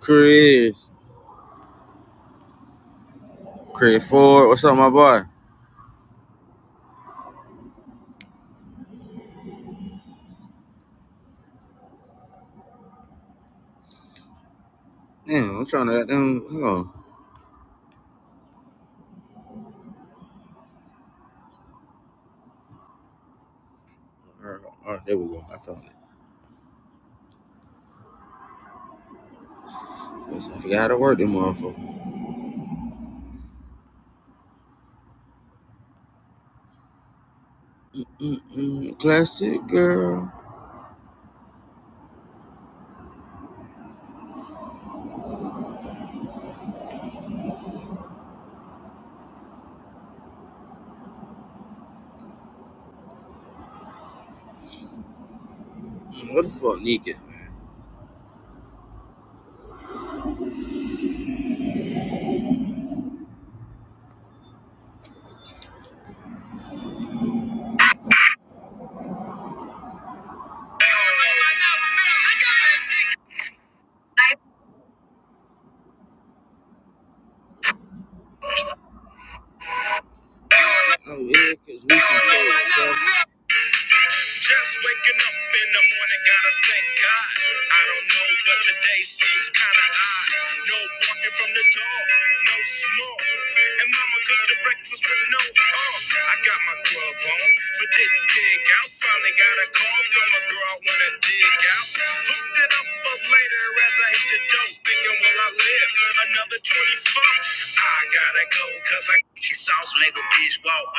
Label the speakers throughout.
Speaker 1: Chris, Chris Ford, what's up, my boy? Damn, I'm trying to get them. Hold on. All right, there we go. I found it. I forgot how to work them motherfucker. Mm-mm, classic girl. What the fuck, Nika? man? No, yeah, 'cause we can. Just waking up in the morning, gotta thank God. I don't know, but today seems kinda odd. No walking from the dog, no smoke. And mama cooked the breakfast with no harm. I got my grub on, but didn't dig out. Finally got a call from a girl I wanna dig out. Hooked it up for later as I hit the dope, thinking, will I live another 24? I gotta go, cause I sauce make a bitch walk.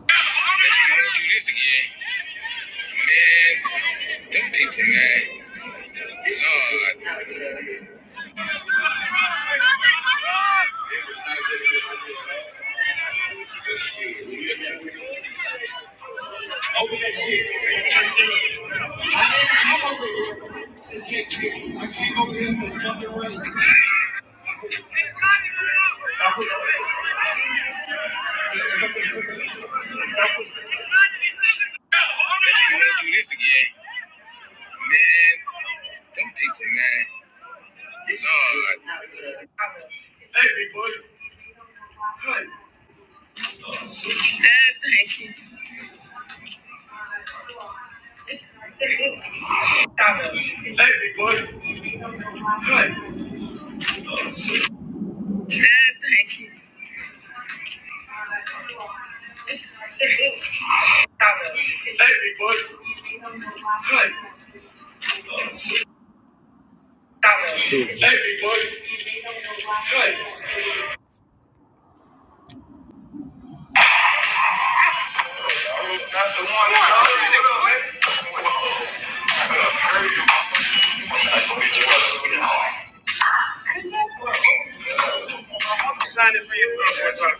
Speaker 1: Let's go do this again, man. Them people mad. Lord. This is not a good idea. This shit. Open that shit. I ain't come over here. to get pissed. I came over here for fucking rain. If you want to do this again, man, them people mad. Lord. Hey, big boy. Hey. Hey, big boy. Hey. Thank you. Everybody. Hey. Everybody. I was not the one. Sign it for you. Not the one.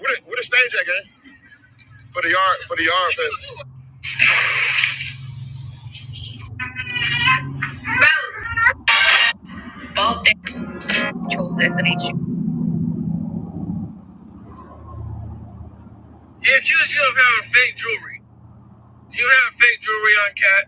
Speaker 1: Where the, stage at, gang? For the yard, for the yard fest. Bob that controls destination. The accused you of having fake jewelry. Do you have fake jewelry on, Cat?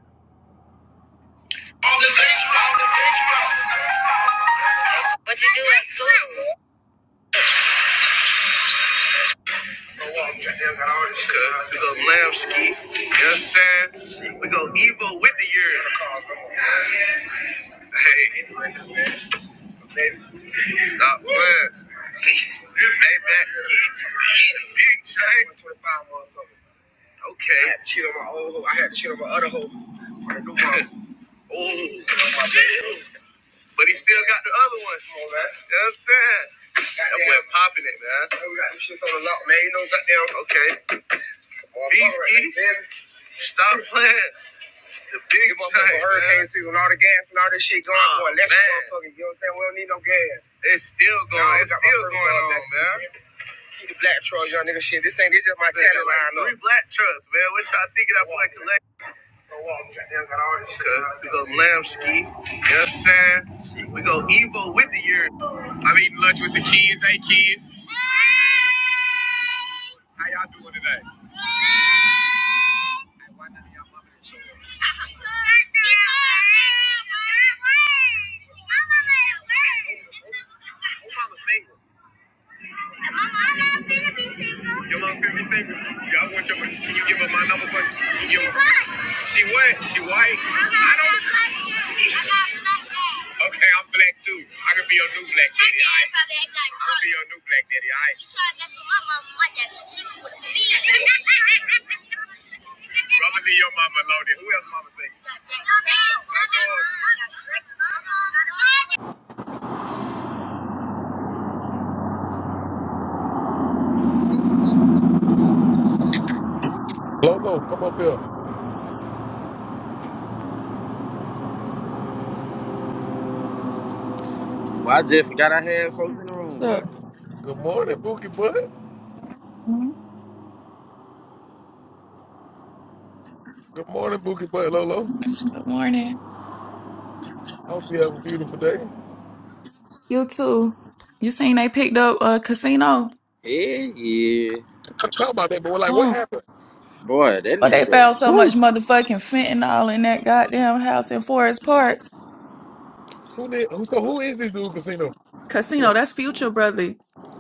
Speaker 1: Okay, we go Lamski. You know what I'm saying? We go Evo with the years. Hey. Stop playing. Maybach ski. Big. Okay. I had to cheat on my old hoe. I had to cheat on my other hoe. Oh. But he still got the other one. Come on, man. You know what I'm saying? That boy popping it, man. Stop, man. You know, goddamn. Okay. V ski. Stop playing. Big time, hurricane season, all the gas and all this shit going on. Oh, electric man. you know what I'm saying? We don't need no gas. It's still going. No, it's still going on, man. Keep the black truck, young nigga. Shit, this ain't this just my Nigga, talent like line. Three black trucks, man. What y'all thinking? I put collect. Okay, we go Lamski. You know what I'm saying? We go Evo with the year. I'm eating lunch with the kids. Hey kids, how y'all doing today? My mom finna be single. Your mom finna be single. Y'all want your money. Can you give her my number, buddy? She white. She what? She white? uh I don't. black too. I got black dad. Okay, I'm black too. I can be your new black daddy. I can ain't got be your new black daddy. I. Right? You try to mess with my mama, my dad gonna shoot you with a beat. I'ma leave your mama alone. Who else?
Speaker 2: Lolo, come up here.
Speaker 1: Well, I just forgot I had folks in the
Speaker 3: What's
Speaker 1: room, boy.
Speaker 3: up?
Speaker 2: Good morning, Bookie Butt.
Speaker 3: Mhm.
Speaker 2: Good morning, Bookie Butt, Lolo.
Speaker 3: Good morning.
Speaker 2: I hope you have a beautiful day.
Speaker 3: You too. You seen they picked up a casino?
Speaker 1: Yeah, yeah.
Speaker 2: I'm talking about that, but we're like, what
Speaker 3: Mm.
Speaker 2: happened?
Speaker 1: Boy, that
Speaker 3: Well, they found
Speaker 1: nigga.
Speaker 3: so much motherfucking fentanyl in that goddamn house in Forest Park.
Speaker 2: Who did? Who, so who is this dude, Casino? Yeah,
Speaker 3: Casino, that's future, brother.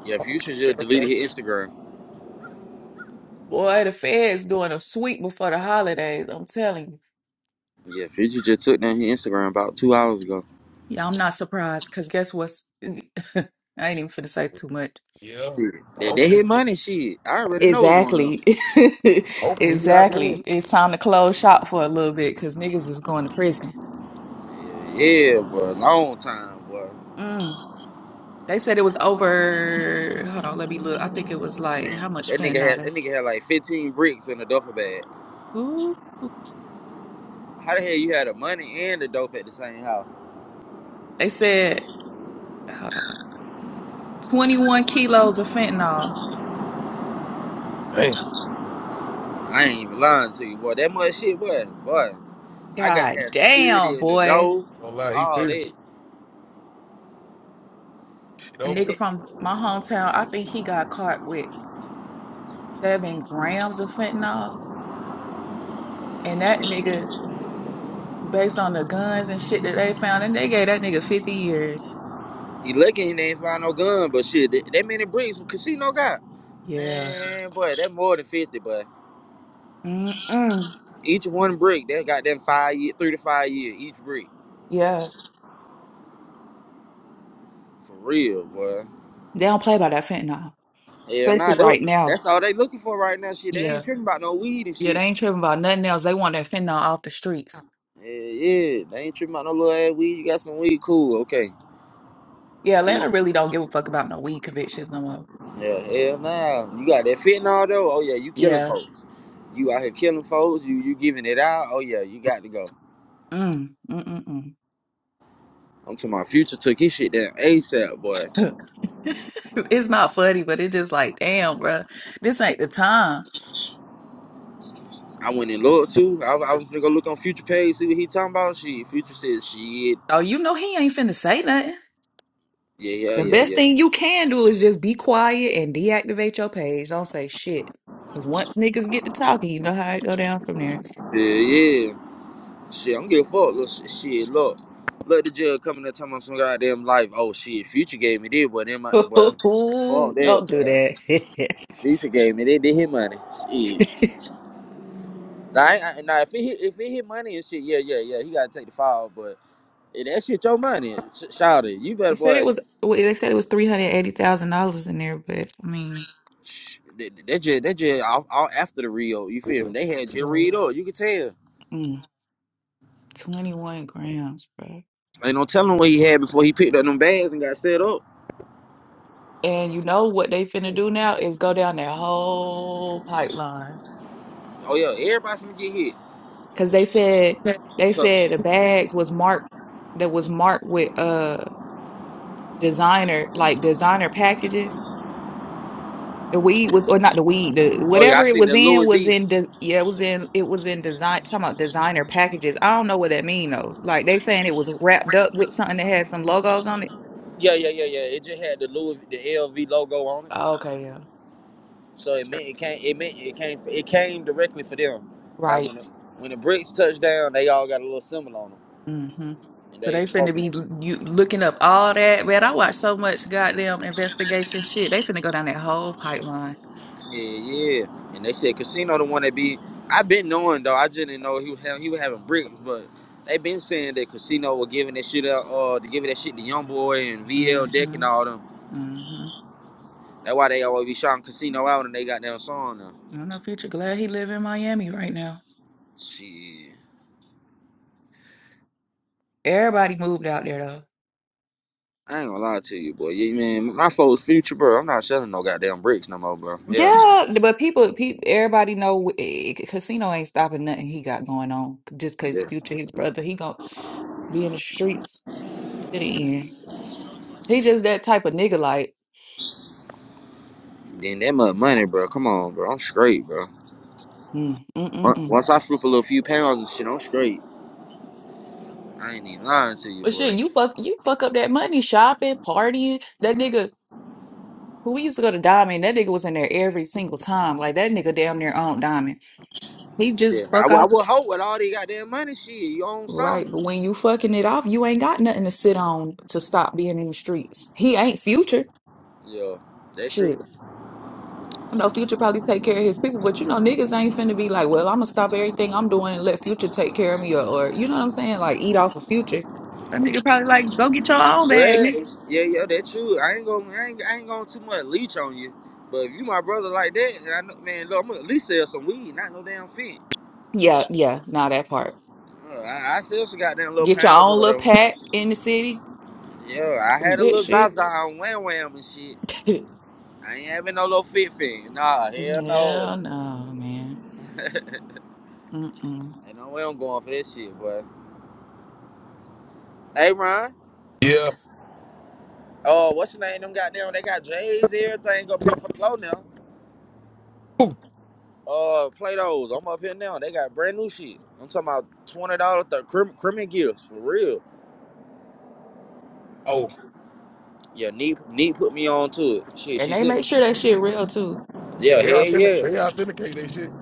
Speaker 1: Yeah, Future just
Speaker 2: Okay, okay.
Speaker 1: deleted his Instagram.
Speaker 3: Boy, the feds doing a sweep before the holidays. I'm telling you.
Speaker 1: Yeah, Future just took down his Instagram about two hours ago.
Speaker 3: Yeah, I'm not surprised, cause guess what's I ain't even finna say too much.
Speaker 2: Yeah.
Speaker 1: Shit. They, they
Speaker 2: Hopefully,
Speaker 1: hit money shit. I already know what's going on.
Speaker 3: Exactly.
Speaker 2: hopefully he out there.
Speaker 3: exactly. It's time to close shop for a little bit, cause niggas is going to prison.
Speaker 1: Yeah, yeah, boy. Long time, boy.
Speaker 3: They said it was over. Hold on, let me look. I think it was like how
Speaker 1: Man,
Speaker 3: much
Speaker 1: that nigga
Speaker 3: fentanyl
Speaker 1: had
Speaker 3: they
Speaker 1: that nigga had like 15 bricks in a duffel bag.
Speaker 3: Ooh.
Speaker 1: How the hell you had the money and the dope at the same house?
Speaker 3: They said, hold on, 21 kilos of fentanyl.
Speaker 2: Damn.
Speaker 1: I ain't even lying to you, boy. That much shit, boy. Boy, I got to
Speaker 3: God
Speaker 1: have
Speaker 3: damn,
Speaker 1: security at the
Speaker 3: boy.
Speaker 1: door.
Speaker 2: Don't lie, he
Speaker 1: All
Speaker 2: threw this
Speaker 1: that.
Speaker 2: shit
Speaker 3: A
Speaker 1: They
Speaker 2: over.
Speaker 3: nigga
Speaker 1: said.
Speaker 3: from my hometown, I think he got caught with seven grams of fentanyl. And that nigga, based on the guns and shit that they found, and they gave that nigga 50 years.
Speaker 1: He lucky he ain't find no gun, but shit, that, that many bricks casino got.
Speaker 3: Yeah.
Speaker 1: Man, boy, that more than fifty, but
Speaker 3: Mm-mm.
Speaker 1: each one brick, that got them five year, three to five year each brick.
Speaker 3: Yeah.
Speaker 1: For real, boy.
Speaker 3: They don't play by that fentanyl,
Speaker 1: Hell
Speaker 3: especially
Speaker 1: nah, that,
Speaker 3: right now.
Speaker 1: that's all they looking for right now. Shit, they
Speaker 3: Yeah.
Speaker 1: ain't tripping about no weed and
Speaker 3: Yeah, they
Speaker 1: shit.
Speaker 3: ain't tripping about nothing else. They want that fentanyl off the streets.
Speaker 1: Yeah, yeah, they ain't tripping about no little ass weed. You got some weed, cool, okay.
Speaker 3: Yeah,
Speaker 1: Yeah,
Speaker 3: Atlanta really don't give a fuck about no weed convictions no more.
Speaker 1: hell nah. You got that fentanyl though. Oh yeah, you killing
Speaker 3: Yeah.
Speaker 1: folks. You out here killing folks. You you giving it out. Oh yeah, you got to go.
Speaker 3: Mm, mm, mm,
Speaker 1: I'm to my future took his shit down ASAP, boy.
Speaker 3: mm. It's not funny, but it's just like, damn, bruh, this ain't the time.
Speaker 1: I went and looked too. I, I was gonna go look on future page, see what he talking about. Shit, future said shit.
Speaker 3: Oh, you know he ain't finna say nothing.
Speaker 1: Yeah, yeah,
Speaker 3: The
Speaker 1: yeah,
Speaker 3: best thing
Speaker 1: yeah.
Speaker 3: you can do is just be quiet and deactivate your page. Don't say shit. Because once niggas get to talking, you know how it go down from there.
Speaker 1: Yeah, yeah. Shit, I'm getting fucked. Look, shit, shit, look. Look the jail coming and telling me some goddamn life. Oh shit, future gave me this, but then my boy. Fuck that,
Speaker 3: Don't do
Speaker 1: boy.
Speaker 3: that.
Speaker 1: Future gave me that, did his money. Shit. Now, I, I, now if it hit if it hit money and shit, yeah, yeah, yeah. He gotta take the fall, but if that shit your money, sh- shout it. You better
Speaker 3: They said it
Speaker 1: boy.
Speaker 3: was. well, They said it was three hundred eighty thousand dollars in there, but I mean,
Speaker 1: That just that just all, all after the Rio. You feel me? They had Jay
Speaker 3: Right.
Speaker 1: Reed up. You could tell.
Speaker 3: mm, twenty-one grams, bro.
Speaker 1: Ain't no telling what he had before he picked up them bags and got set up.
Speaker 3: And you know what they finna do now is go down that whole pipeline
Speaker 1: Oh yeah, everybody finna get hit.
Speaker 3: because they said they
Speaker 1: 'Cause-
Speaker 3: said the bags was marked that was marked with uh designer like designer packages. The weed was, or not the weed, the
Speaker 1: oh yeah,
Speaker 3: whatever
Speaker 1: I
Speaker 3: it
Speaker 1: seen
Speaker 3: was
Speaker 1: the
Speaker 3: in
Speaker 1: Louis
Speaker 3: was
Speaker 1: V.
Speaker 3: in the yeah, it was in it was in design. Talking about designer packages, I don't know what that mean though. Like they saying it was wrapped up with something that had some logos on it.
Speaker 1: Yeah, yeah, yeah, yeah. It just had the Louis the LV logo on it,
Speaker 3: Oh, okay, yeah.
Speaker 1: so it meant it came. It meant it came. It came directly for them. Like
Speaker 3: Right.
Speaker 1: when the, when the bricks touched down, they all got a little symbol on them,
Speaker 3: hmm
Speaker 1: and
Speaker 3: So
Speaker 1: they
Speaker 3: they finna
Speaker 1: supposed to.
Speaker 3: be l- you looking up all that. Man, I watch so much goddamn investigation shit. They finna go down that whole pipeline.
Speaker 1: Yeah, yeah. And they said Casino the one that be I've been knowing though, I just didn't know he was having, he was having bricks, but they been saying that Casino was giving that shit out, uh to giving that shit to Young Boy and VL Deck
Speaker 3: Mm-hmm.
Speaker 1: and all them.
Speaker 3: Mm-hmm.
Speaker 1: That's why they always be shouting Casino out and they got their song now.
Speaker 3: I don't know, Future. Glad he live in Miami right now.
Speaker 1: Shit.
Speaker 3: Everybody moved out there
Speaker 1: I ain't gonna lie to you, boy. Yeah, man, my folks future, bro. I'm not selling no goddamn bricks no more, bro. Hell no.
Speaker 3: Yeah, but people, people, everybody know eh, Casino ain't stopping nothing he got going on. Just cause
Speaker 1: Yeah.
Speaker 3: Future, his brother, he gonna be in the streets to the end. He just that type of nigga, like,
Speaker 1: Then that much money, bro. Come on, bro. I'm straight, bro.
Speaker 3: mm, mm, mm,
Speaker 1: On-
Speaker 3: mm.
Speaker 1: Once I flip a little few pounds and shit, I'm straight. I ain't even lying to you,
Speaker 3: But
Speaker 1: boy.
Speaker 3: shit, you fuck, you fuck up that money shopping, partying. That nigga who we used to go to Diamond, that nigga was in there every single time. Like that nigga damn near owned Diamond. He just
Speaker 1: Yeah, I
Speaker 3: fuck
Speaker 1: would I
Speaker 3: off,
Speaker 1: would hope with all they goddamn money, shit, you own some.
Speaker 3: right? But when you fucking it off, you ain't got nothing to sit on to stop being in the streets. He ain't Future.
Speaker 1: Yeah, that true.
Speaker 3: Shit. I know Future probably take care of his people, but you know, niggas ain't finna be like, well, I'm gonna stop everything I'm doing and let Future take care of me, or, or you know what I'm saying? Like, eat off of Future. That nigga probably like, go get your own bag, nigga.
Speaker 1: Well, yeah, yeah, that true. I ain't gonna, I ain't, I ain't gonna too much leech on you. But if you my brother like that, and I know, man, look, I'm gonna at least sell some weed, not no damn fit.
Speaker 3: Yeah, yeah, now that part.
Speaker 1: Uh, I, I sell some goddamn little
Speaker 3: Get your
Speaker 1: pounds
Speaker 3: own
Speaker 1: or
Speaker 3: little
Speaker 1: whatever.
Speaker 3: pack in the city,
Speaker 1: Yeah, I
Speaker 3: some
Speaker 1: had a
Speaker 3: good
Speaker 1: little
Speaker 3: shit.
Speaker 1: Zaza on Wham Wham and shit.
Speaker 3: Hell
Speaker 1: I ain't having no little fit fit. Nah, hell no.
Speaker 3: no, man. Mm-mm.
Speaker 1: Ain't no way I'm going for that shit, boy. Hey, Ron.
Speaker 2: Yeah.
Speaker 1: Oh, what's your name? Them goddamn, they got J's, everything up here for the low now.
Speaker 2: Ooh.
Speaker 1: uh Play-Dohs. I'm up here now. They got brand new shit. I'm talking about twenty dollars the crim, criminal gifts for real.
Speaker 2: Oh.
Speaker 1: Yeah, neat neat put me on to it. Shit,
Speaker 3: And
Speaker 1: she
Speaker 3: they
Speaker 1: said
Speaker 3: make sure that shit real too.
Speaker 2: Yeah,
Speaker 1: Yeah,
Speaker 2: they
Speaker 1: hell
Speaker 2: authentic.
Speaker 1: yeah.
Speaker 2: They authenticate that shit.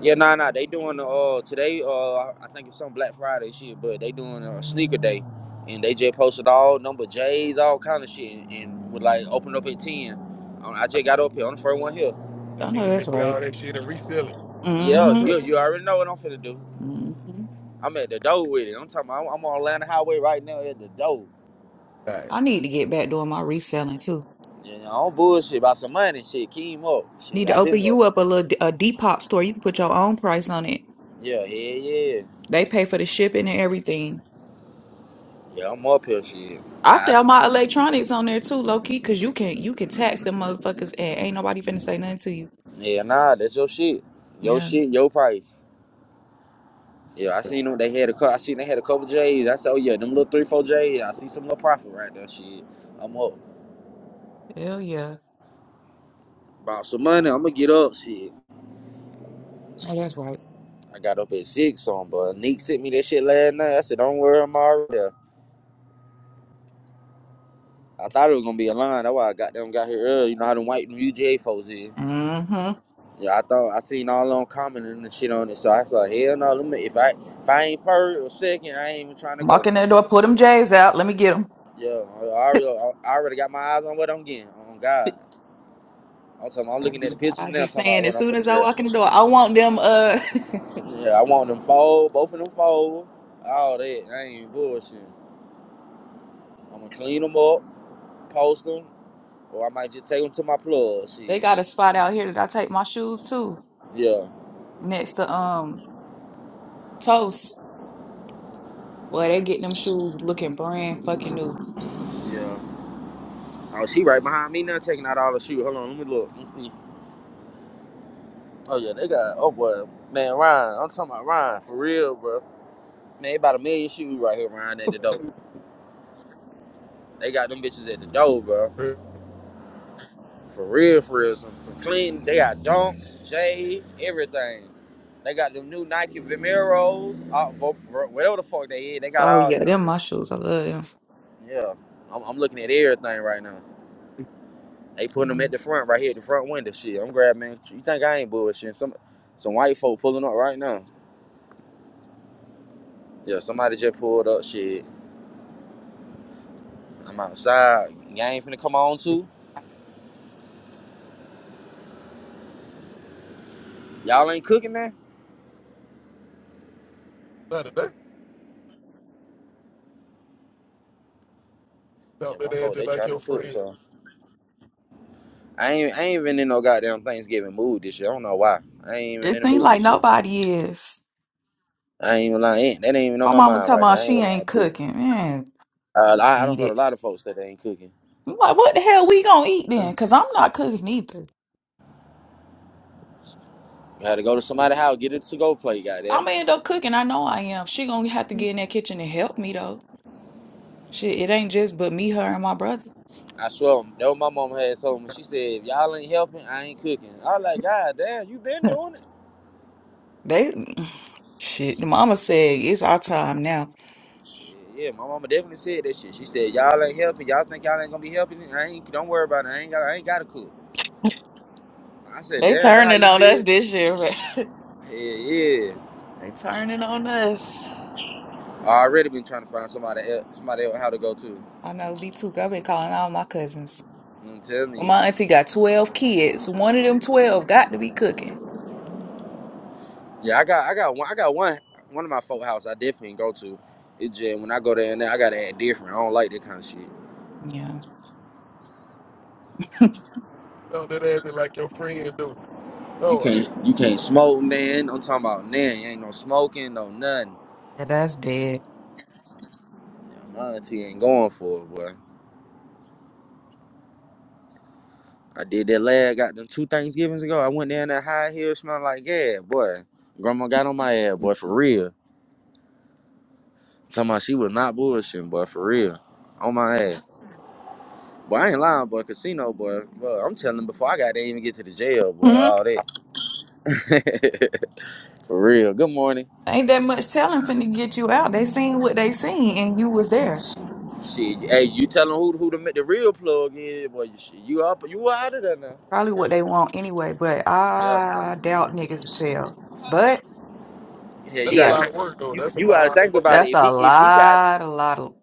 Speaker 1: Yeah, nah nah. They doing the uh today, uh I think it's some Black Friday shit, but they doing a sneaker day and they just posted all number J's, all kind of shit and, and would like open up at ten. Um, I
Speaker 2: I,
Speaker 1: just got up here on the first one here.
Speaker 2: I
Speaker 3: I
Speaker 2: can't
Speaker 3: know that's
Speaker 2: even get all
Speaker 3: right.
Speaker 2: that shit and resell it.
Speaker 1: Yeah,
Speaker 3: Mm-hmm.
Speaker 2: All
Speaker 1: you you already know what I'm finna do.
Speaker 3: Mm-hmm.
Speaker 1: I'm at the door with it. I'm talking about I'm, I'm on Atlanta Highway right now at the door.
Speaker 2: right.
Speaker 3: I need to get back doing my reselling
Speaker 1: Yeah, I don't bullshit about some money. Shit, Keem up.
Speaker 3: Need
Speaker 1: Shit,
Speaker 3: to
Speaker 1: I
Speaker 3: open
Speaker 1: been up.
Speaker 3: you up a little d- a Depop store. You can put your own price on it.
Speaker 1: Yeah, yeah, yeah.
Speaker 3: They pay for the shipping and everything.
Speaker 1: Yeah, I'm up here. Shit. I,
Speaker 3: I
Speaker 1: I,
Speaker 3: sell my electronics on there too, low key, cause you can you can tax them motherfuckers and ain't nobody finna say nothing to you.
Speaker 1: yeah, nah, that's your shit. Your
Speaker 3: Yeah,
Speaker 1: shit, your price. Yeah, I seen them. They had a couple. I seen they had a couple J's. I said, oh yeah, them little three, four J's. I see some little profit right there. Shit, I'm up.
Speaker 3: hell yeah.
Speaker 1: Bought some money. I'm gonna get up. Shit.
Speaker 3: Oh, that's right.
Speaker 1: I got up at six on, but Nick sent me that shit last night. I said, don't worry, I'm already there. I thought it was gonna be a line. That's why I got them got here early. You know how them white UGA folks is.
Speaker 3: Mm-hmm.
Speaker 1: Yeah, I thought I seen all on commenting and shit on it, so I said, hell no, let me if I if I ain't first or second, I ain't even trying to
Speaker 3: Walk
Speaker 1: go.
Speaker 3: in that door, pull them J's out. Let me get them.
Speaker 1: Yeah, I already I already got my eyes on what I'm getting. On God, I'm talking, I'm
Speaker 3: I
Speaker 1: looking at the pictures
Speaker 3: I be
Speaker 1: now, talking about
Speaker 3: saying
Speaker 1: what
Speaker 3: as
Speaker 1: I'm
Speaker 3: soon
Speaker 1: finna
Speaker 3: as I
Speaker 1: grab.
Speaker 3: walk in the door, I want them. Uh,
Speaker 1: Yeah, I want them fold, both of them fold, all that. I ain't even bullshitting. I'm gonna clean them up, post them, or I might just take them to my plug.
Speaker 3: they
Speaker 1: Shit.
Speaker 3: got a spot out here that I take my shoes to
Speaker 1: Yeah.
Speaker 3: next to um Toast. Well, they getting them shoes looking brand fucking new.
Speaker 1: Yeah. Oh, she right behind me now, taking out all the shoes. Hold on, let me look. Let me see. Oh yeah, they got oh boy, man, Ryan. I'm talking about Ryan for real, bro. Man, they about a million shoes right here, Ryan, at the door. They got them bitches at the door, bro. For real, for real. Some, some clean. They got Dunks, Jade, everything. They got them new Nike Vimeros, uh, vo- vo- whatever the fuck they is. They got
Speaker 3: Oh
Speaker 1: all
Speaker 3: yeah,
Speaker 1: that up
Speaker 3: them
Speaker 1: here.
Speaker 3: mushrooms. I love them.
Speaker 1: Yeah, I'm, I'm looking at everything right now. They putting them
Speaker 3: Um,
Speaker 1: at the front, right here, the front window. Shit, I'm grabbing. You think I ain't bullshitting? Some some white folk pulling up right now. Yeah, somebody just pulled up. Shit. I'm outside. Y'all ain't finna come on too. Y'all ain't cooking now.
Speaker 2: Not today.
Speaker 1: Yeah,
Speaker 2: Talk to that
Speaker 1: my
Speaker 2: ass
Speaker 1: folk
Speaker 2: just
Speaker 1: they
Speaker 2: like
Speaker 1: trying to
Speaker 2: your
Speaker 1: cook.
Speaker 2: friend.
Speaker 1: So I ain't I ain't even in no goddamn Thanksgiving mood this year. I don't know why. I ain't even
Speaker 3: It
Speaker 1: in the
Speaker 3: seems
Speaker 1: mood
Speaker 3: like
Speaker 1: this year.
Speaker 3: nobody is.
Speaker 1: I ain't even lying. That ain't even on
Speaker 3: My
Speaker 1: my
Speaker 3: mama
Speaker 1: mind
Speaker 3: talking
Speaker 1: right now.
Speaker 3: about
Speaker 1: I ain't
Speaker 3: she
Speaker 1: even lying
Speaker 3: ain't
Speaker 1: to. you.
Speaker 3: cooking. Man,
Speaker 1: Uh, I, I don't
Speaker 3: eat
Speaker 1: heard a
Speaker 3: it.
Speaker 1: lot of folks that they ain't cooking.
Speaker 3: I'm like, what the hell we gonna eat
Speaker 1: Uh,
Speaker 3: then? Cause I'm not cooking either.
Speaker 1: You had to go to somebody's house, get it to go plate,
Speaker 3: I'm
Speaker 1: goddamn. it.
Speaker 3: gonna end up cooking. I know I am. She gonna have to get in that kitchen and help me though. Shit, it ain't just but me, her, and my brother.
Speaker 1: I swear, that what my mom had told me. She said, if y'all ain't helping, I ain't cooking. I was like, God damn, you been doing it.
Speaker 3: They shit. The mama said it's our time now.
Speaker 1: Yeah, yeah, my mama definitely said that shit. She said, "Y'all ain't helping. Y'all think y'all ain't gonna be helping. I ain't. Don't worry about it. I ain't got. I ain't got to cook." I said,
Speaker 3: They
Speaker 1: "Damn, that how
Speaker 3: turning
Speaker 1: you
Speaker 3: on us
Speaker 1: feel?"
Speaker 3: this year.
Speaker 1: Yeah, yeah.
Speaker 3: they turning on us.
Speaker 1: I already been trying to find somebody, else, somebody else how to go to.
Speaker 3: I know. Be too. I've been calling all my cousins.
Speaker 1: I'm telling
Speaker 3: Well,
Speaker 1: you.
Speaker 3: my auntie got 12 kids. One of them 12 got to be cooking.
Speaker 1: Yeah, I got, I got one, I got one, one of my folk house I definitely go to. It just when I go there and there, I gotta act different. I don't like that kind of shit.
Speaker 3: Yeah.
Speaker 2: Talk to that ass just like your friend do.
Speaker 1: You
Speaker 2: No,
Speaker 1: can't, you can't smoke, man. I'm talking about man. Ain't no smoking, no nothing.
Speaker 3: Yeah, that's dead.
Speaker 1: Yeah, my auntie ain't going for it, boy. I did that last got them two Thanksgivings ago. I went there in that high heel smelling like gas, boy. Grandma got on my ass, boy, for real. Talking about she was not bullshitting, boy, for real. On my ass. Boy, I ain't lying, boy, casino, boy. Boy, I'm telling them before I got to even get to the jail, boy,
Speaker 3: Mhm.
Speaker 1: all that. for real. Good morning.
Speaker 3: Ain't that much telling finna get you out. They seen what they seen and you was there.
Speaker 1: Shit, hey, you telling who who to make the real plug in, boy, you, shit, you up, you out of there now.
Speaker 3: Probably what they want anyway, but
Speaker 1: Yeah.
Speaker 3: I doubt niggas will tell. But
Speaker 1: Yeah, you
Speaker 2: That's a
Speaker 1: gotta,
Speaker 3: yeah,
Speaker 1: you,
Speaker 2: lot of work, though.
Speaker 1: you,
Speaker 2: That's a
Speaker 1: you gotta
Speaker 2: lot of
Speaker 1: think
Speaker 2: work.
Speaker 1: about it.
Speaker 3: that's
Speaker 1: If
Speaker 3: a
Speaker 1: he, if he got
Speaker 3: lot, a lot of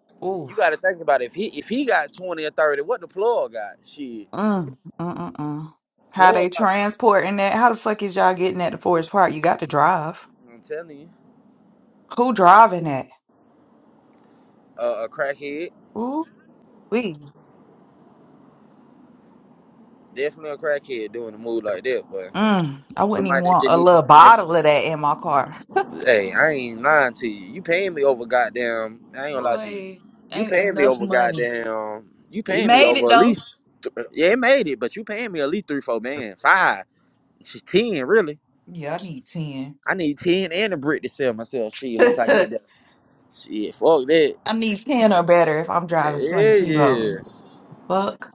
Speaker 1: you got to
Speaker 3: oof.
Speaker 1: think about it. if he if he got twenty or thirty, what the plug got? Shit,
Speaker 3: Mm, mm, mm, mm. How they
Speaker 1: plug.
Speaker 3: transporting that? How the fuck is y'all getting at the Forest Park? You got to drive.
Speaker 1: I'm telling you,
Speaker 3: Who driving that?
Speaker 1: a a crackhead,
Speaker 3: Ooh.
Speaker 1: definitely a crackhead doing a move like that. But
Speaker 3: Mm, I wouldn't even
Speaker 1: somebody that
Speaker 3: want
Speaker 1: just
Speaker 3: a
Speaker 1: needs some
Speaker 3: little
Speaker 1: paying
Speaker 3: bottle of
Speaker 1: money.
Speaker 3: that in my car.
Speaker 1: Hey, I ain't lying to you. You paying me over goddamn. I ain't gonna lie to you.
Speaker 3: Boy,
Speaker 1: You
Speaker 3: ain't
Speaker 1: paying me
Speaker 3: enough
Speaker 1: over
Speaker 3: money.
Speaker 1: goddamn. You
Speaker 3: It
Speaker 1: paying me
Speaker 3: made it
Speaker 1: over at
Speaker 3: though.
Speaker 1: least. th- Yeah, it made it, but you paying me at least three, four, man, five, shit, ten, really.
Speaker 3: Yeah, I need 10.
Speaker 1: I need ten and a brick to sell myself. Shit, once I get that. Shit, fuck that.
Speaker 3: I need 10 or better if I'm driving 20
Speaker 1: Yeah, yeah.
Speaker 3: kilos. Fuck.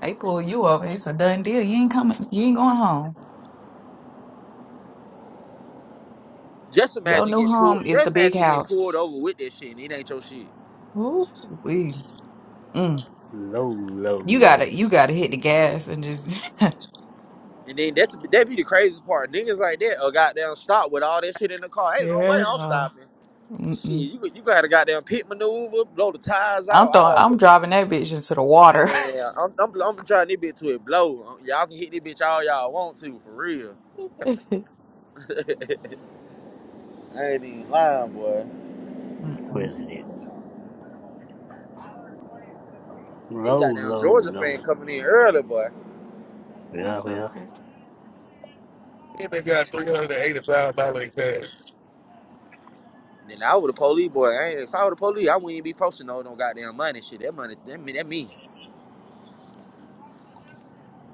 Speaker 3: They pull you over. It's a done deal. You ain't coming. You ain't going home.
Speaker 1: Just
Speaker 3: Your
Speaker 1: imagine
Speaker 3: new
Speaker 1: getting pulled.
Speaker 3: home is the
Speaker 1: Just
Speaker 3: big
Speaker 1: imagine getting pulled
Speaker 3: house.
Speaker 1: over with that shit, and it ain't your shit.
Speaker 3: Ooh, we. Mm.
Speaker 4: Low, low,
Speaker 3: You
Speaker 4: low
Speaker 3: gotta, you gotta hit the gas and just. Hell
Speaker 1: And then that's that be the craziest part. Niggas like that a goddamn stop with all that shit in the car. Ain't no way I'm
Speaker 3: no.
Speaker 1: stopping. Shit,
Speaker 3: Mm-mm.
Speaker 1: you you got a goddamn pit maneuver, blow the tires out,
Speaker 3: I'm throwing.
Speaker 1: all
Speaker 3: I'm driving that bitch into the water.
Speaker 1: that. Man, I'm, I'm I'm trying this bitch to it blow. Y'all can hit this bitch all y'all want to, for real. I ain't even lying, boy.
Speaker 3: Mm-mm.
Speaker 4: president.
Speaker 1: They
Speaker 4: Low,
Speaker 1: got down
Speaker 4: low,
Speaker 1: Georgia
Speaker 4: low.
Speaker 1: fan coming in early, boy.
Speaker 3: That's
Speaker 4: Yeah,
Speaker 3: so
Speaker 4: yeah.
Speaker 3: crazy.
Speaker 2: And they got three hundred and eighty thousand dollars in cash.
Speaker 1: Then I would the police boy. I ain't, if I were the police, I wouldn't even be posting no no goddamn money shit. That money, that me, that me.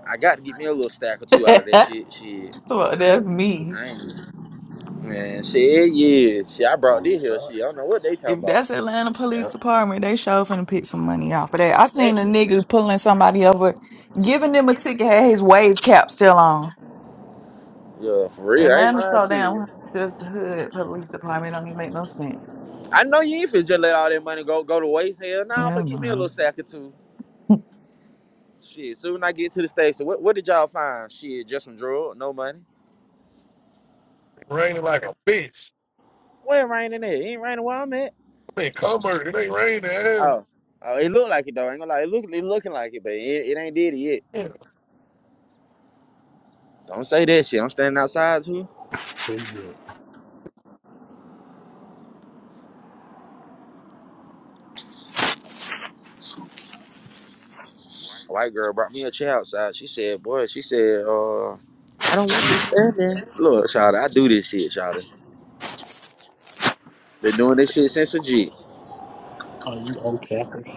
Speaker 1: I got to get me a little stack or two out of that shit. Shit,
Speaker 3: well, that's me.
Speaker 1: I ain't man. Shit, yeah. Shit, I brought
Speaker 4: Oh
Speaker 1: this here.
Speaker 4: God.
Speaker 1: Shit, I don't know what they talking
Speaker 3: If
Speaker 1: about.
Speaker 3: that's Atlanta
Speaker 4: Yeah,
Speaker 3: Police Department, they sure finna pick some money off of that. I
Speaker 1: Eh,
Speaker 3: seen a nigga pulling somebody over, giving them a ticket, had his wave cap still on.
Speaker 1: Yeah, for real. I ain't
Speaker 3: Atlanta
Speaker 1: lying
Speaker 3: so
Speaker 1: to you.
Speaker 3: damn just hood police department don't even make no sense.
Speaker 1: I know you ain't finna just let all that money go go to waste. Hell, nah, I'm
Speaker 3: Yeah,
Speaker 1: finna get me a little
Speaker 3: man.
Speaker 1: stack or two. Shit, soon I get to the station. What what did y'all find? Shit, just some drug, no money.
Speaker 2: Raining like a bitch.
Speaker 1: Well, it raining there. It ain't raining where I'm at.
Speaker 2: I mean, Commerce, it ain't raining. Hell.
Speaker 1: Oh, oh, it look like it though. I ain't gonna lie. It look it looking like it, but it, it ain't did it yet.
Speaker 2: Yeah,
Speaker 1: Don't say that shit. I'm standing outside too.
Speaker 4: pretty good.
Speaker 1: A white girl brought me a chair outside. She said, boy, she said, uh, I don't want this standing. Look, Charlie, I do this shit, Charlie. Been doing this shit since a G.
Speaker 4: Are you on campus?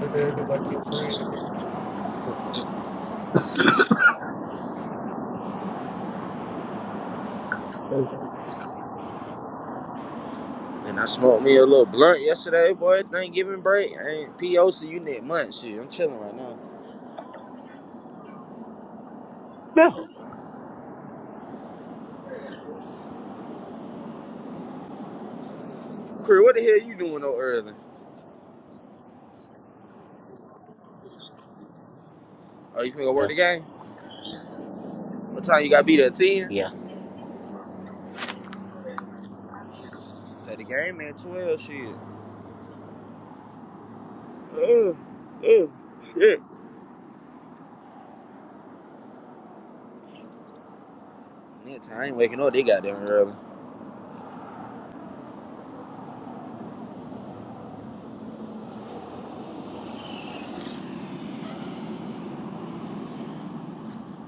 Speaker 2: they acting like your friend.
Speaker 1: And I smoked me a little blunt yesterday, boy. Thanksgiving break. I ain't POC, you need months. Shit, I'm chilling right now.
Speaker 4: No.
Speaker 1: Cree, what the hell you doing no early? Oh, you finna go work
Speaker 4: Uh,
Speaker 1: the game? What time you gotta be there at 10?
Speaker 4: yeah.
Speaker 1: Say the game at 12, shit. Next time I ain't waking up, they got there early.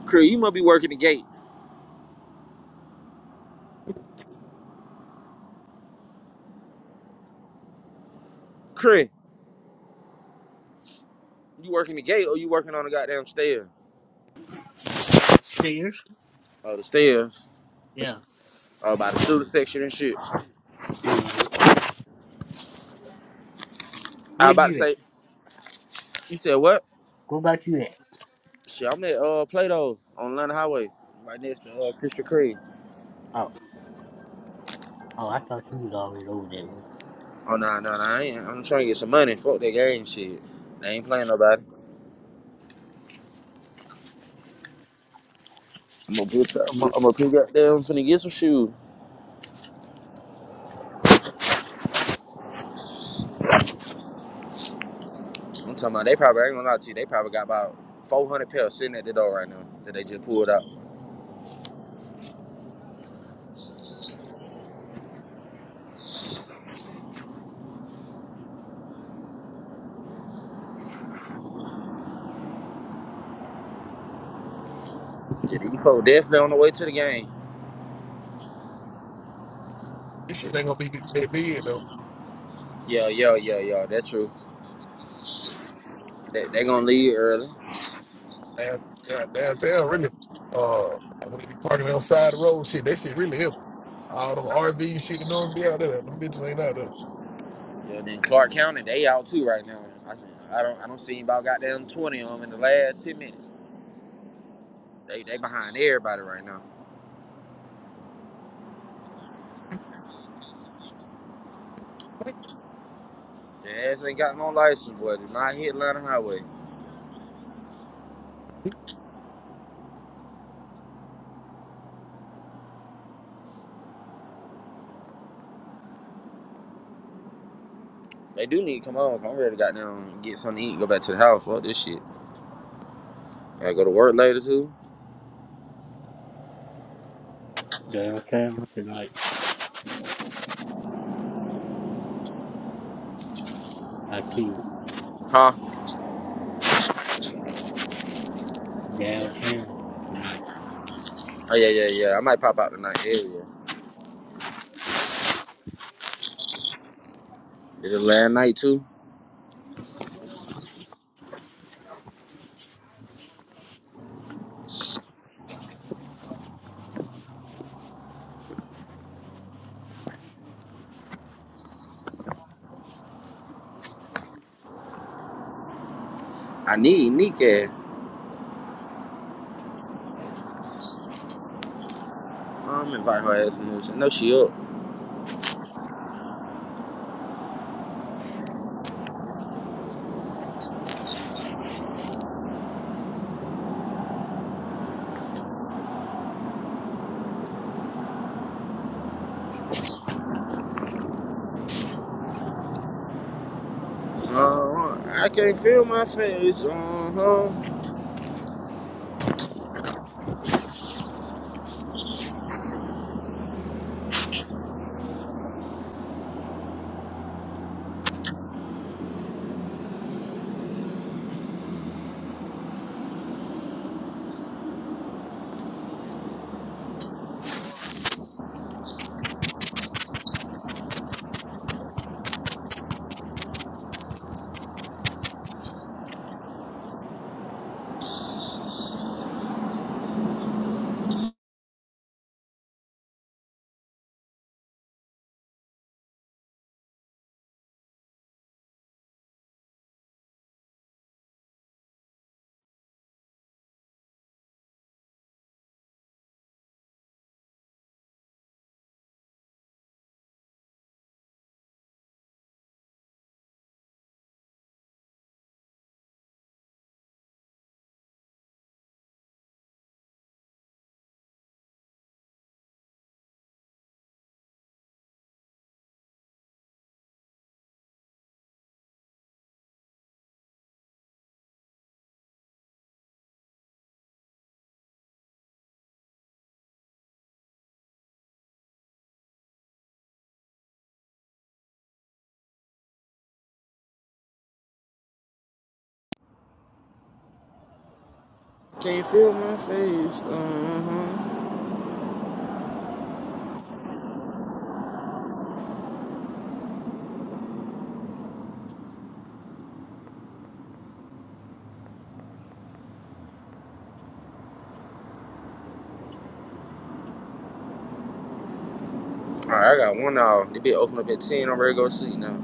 Speaker 1: Cree, you must be working the gate. Cree, you working the gate or you working on the goddamn stair?
Speaker 4: Stairs?
Speaker 1: Oh, the stair.
Speaker 4: Yeah.
Speaker 1: uh, by the student section and shit. I
Speaker 4: Where
Speaker 1: was about to
Speaker 4: you at?
Speaker 1: say, you said what?
Speaker 4: What about you at?
Speaker 1: Shit, I'm at uh Plato on London Highway, right next to uh Krispy Kreme.
Speaker 4: Oh, oh, I thought you was always over there.
Speaker 1: Oh nah, nah, nah, I ain't. I'm trying to get some money. Fuck that game shit. They ain't playing nobody. I'm gonna pick up. I'm gonna I'm gonna pick up there. I'm finna get some shoes. I'm talking about they probably I ain't gonna lie to you. They probably got about 400 pairs sitting at the door right now that they just pulled out. Yeah, these folks definitely on the way to the game.
Speaker 2: This shit ain't gonna be that big though.
Speaker 1: Yeah, yeah, yeah, yeah. That's true. They they gonna leave early.
Speaker 2: Down- down- Downtown, really. Uh, when you parking outside the road, shit, that shit really help. All them RV shit, you know, be out there. Them bitches ain't out there.
Speaker 1: Yeah, then Clark County, they out too right now. I I don't I don't see about goddamn twenty of them in the last ten minutes. They they behind everybody right now. Their ass ain't got no license, boy. They not hit Atlanta Highway. They do need to come home. I'm ready to goddamn get something to eat, and go back to the house. Fuck this shit. I gotta go to work later too.
Speaker 4: Downtown tonight. I see
Speaker 1: Huh?
Speaker 4: you downtown tonight.
Speaker 1: Oh yeah, yeah, yeah. I might pop out tonight. Yeah, yeah. Did it last night too? I need Nika. I'm invite her ass in this. I know she up. Uh-huh. I can't feel my face. Uh-huh. Can't feel my face. Uh-huh. All right, I got one hour. They be open up at ten. I'm ready to go to sleep now.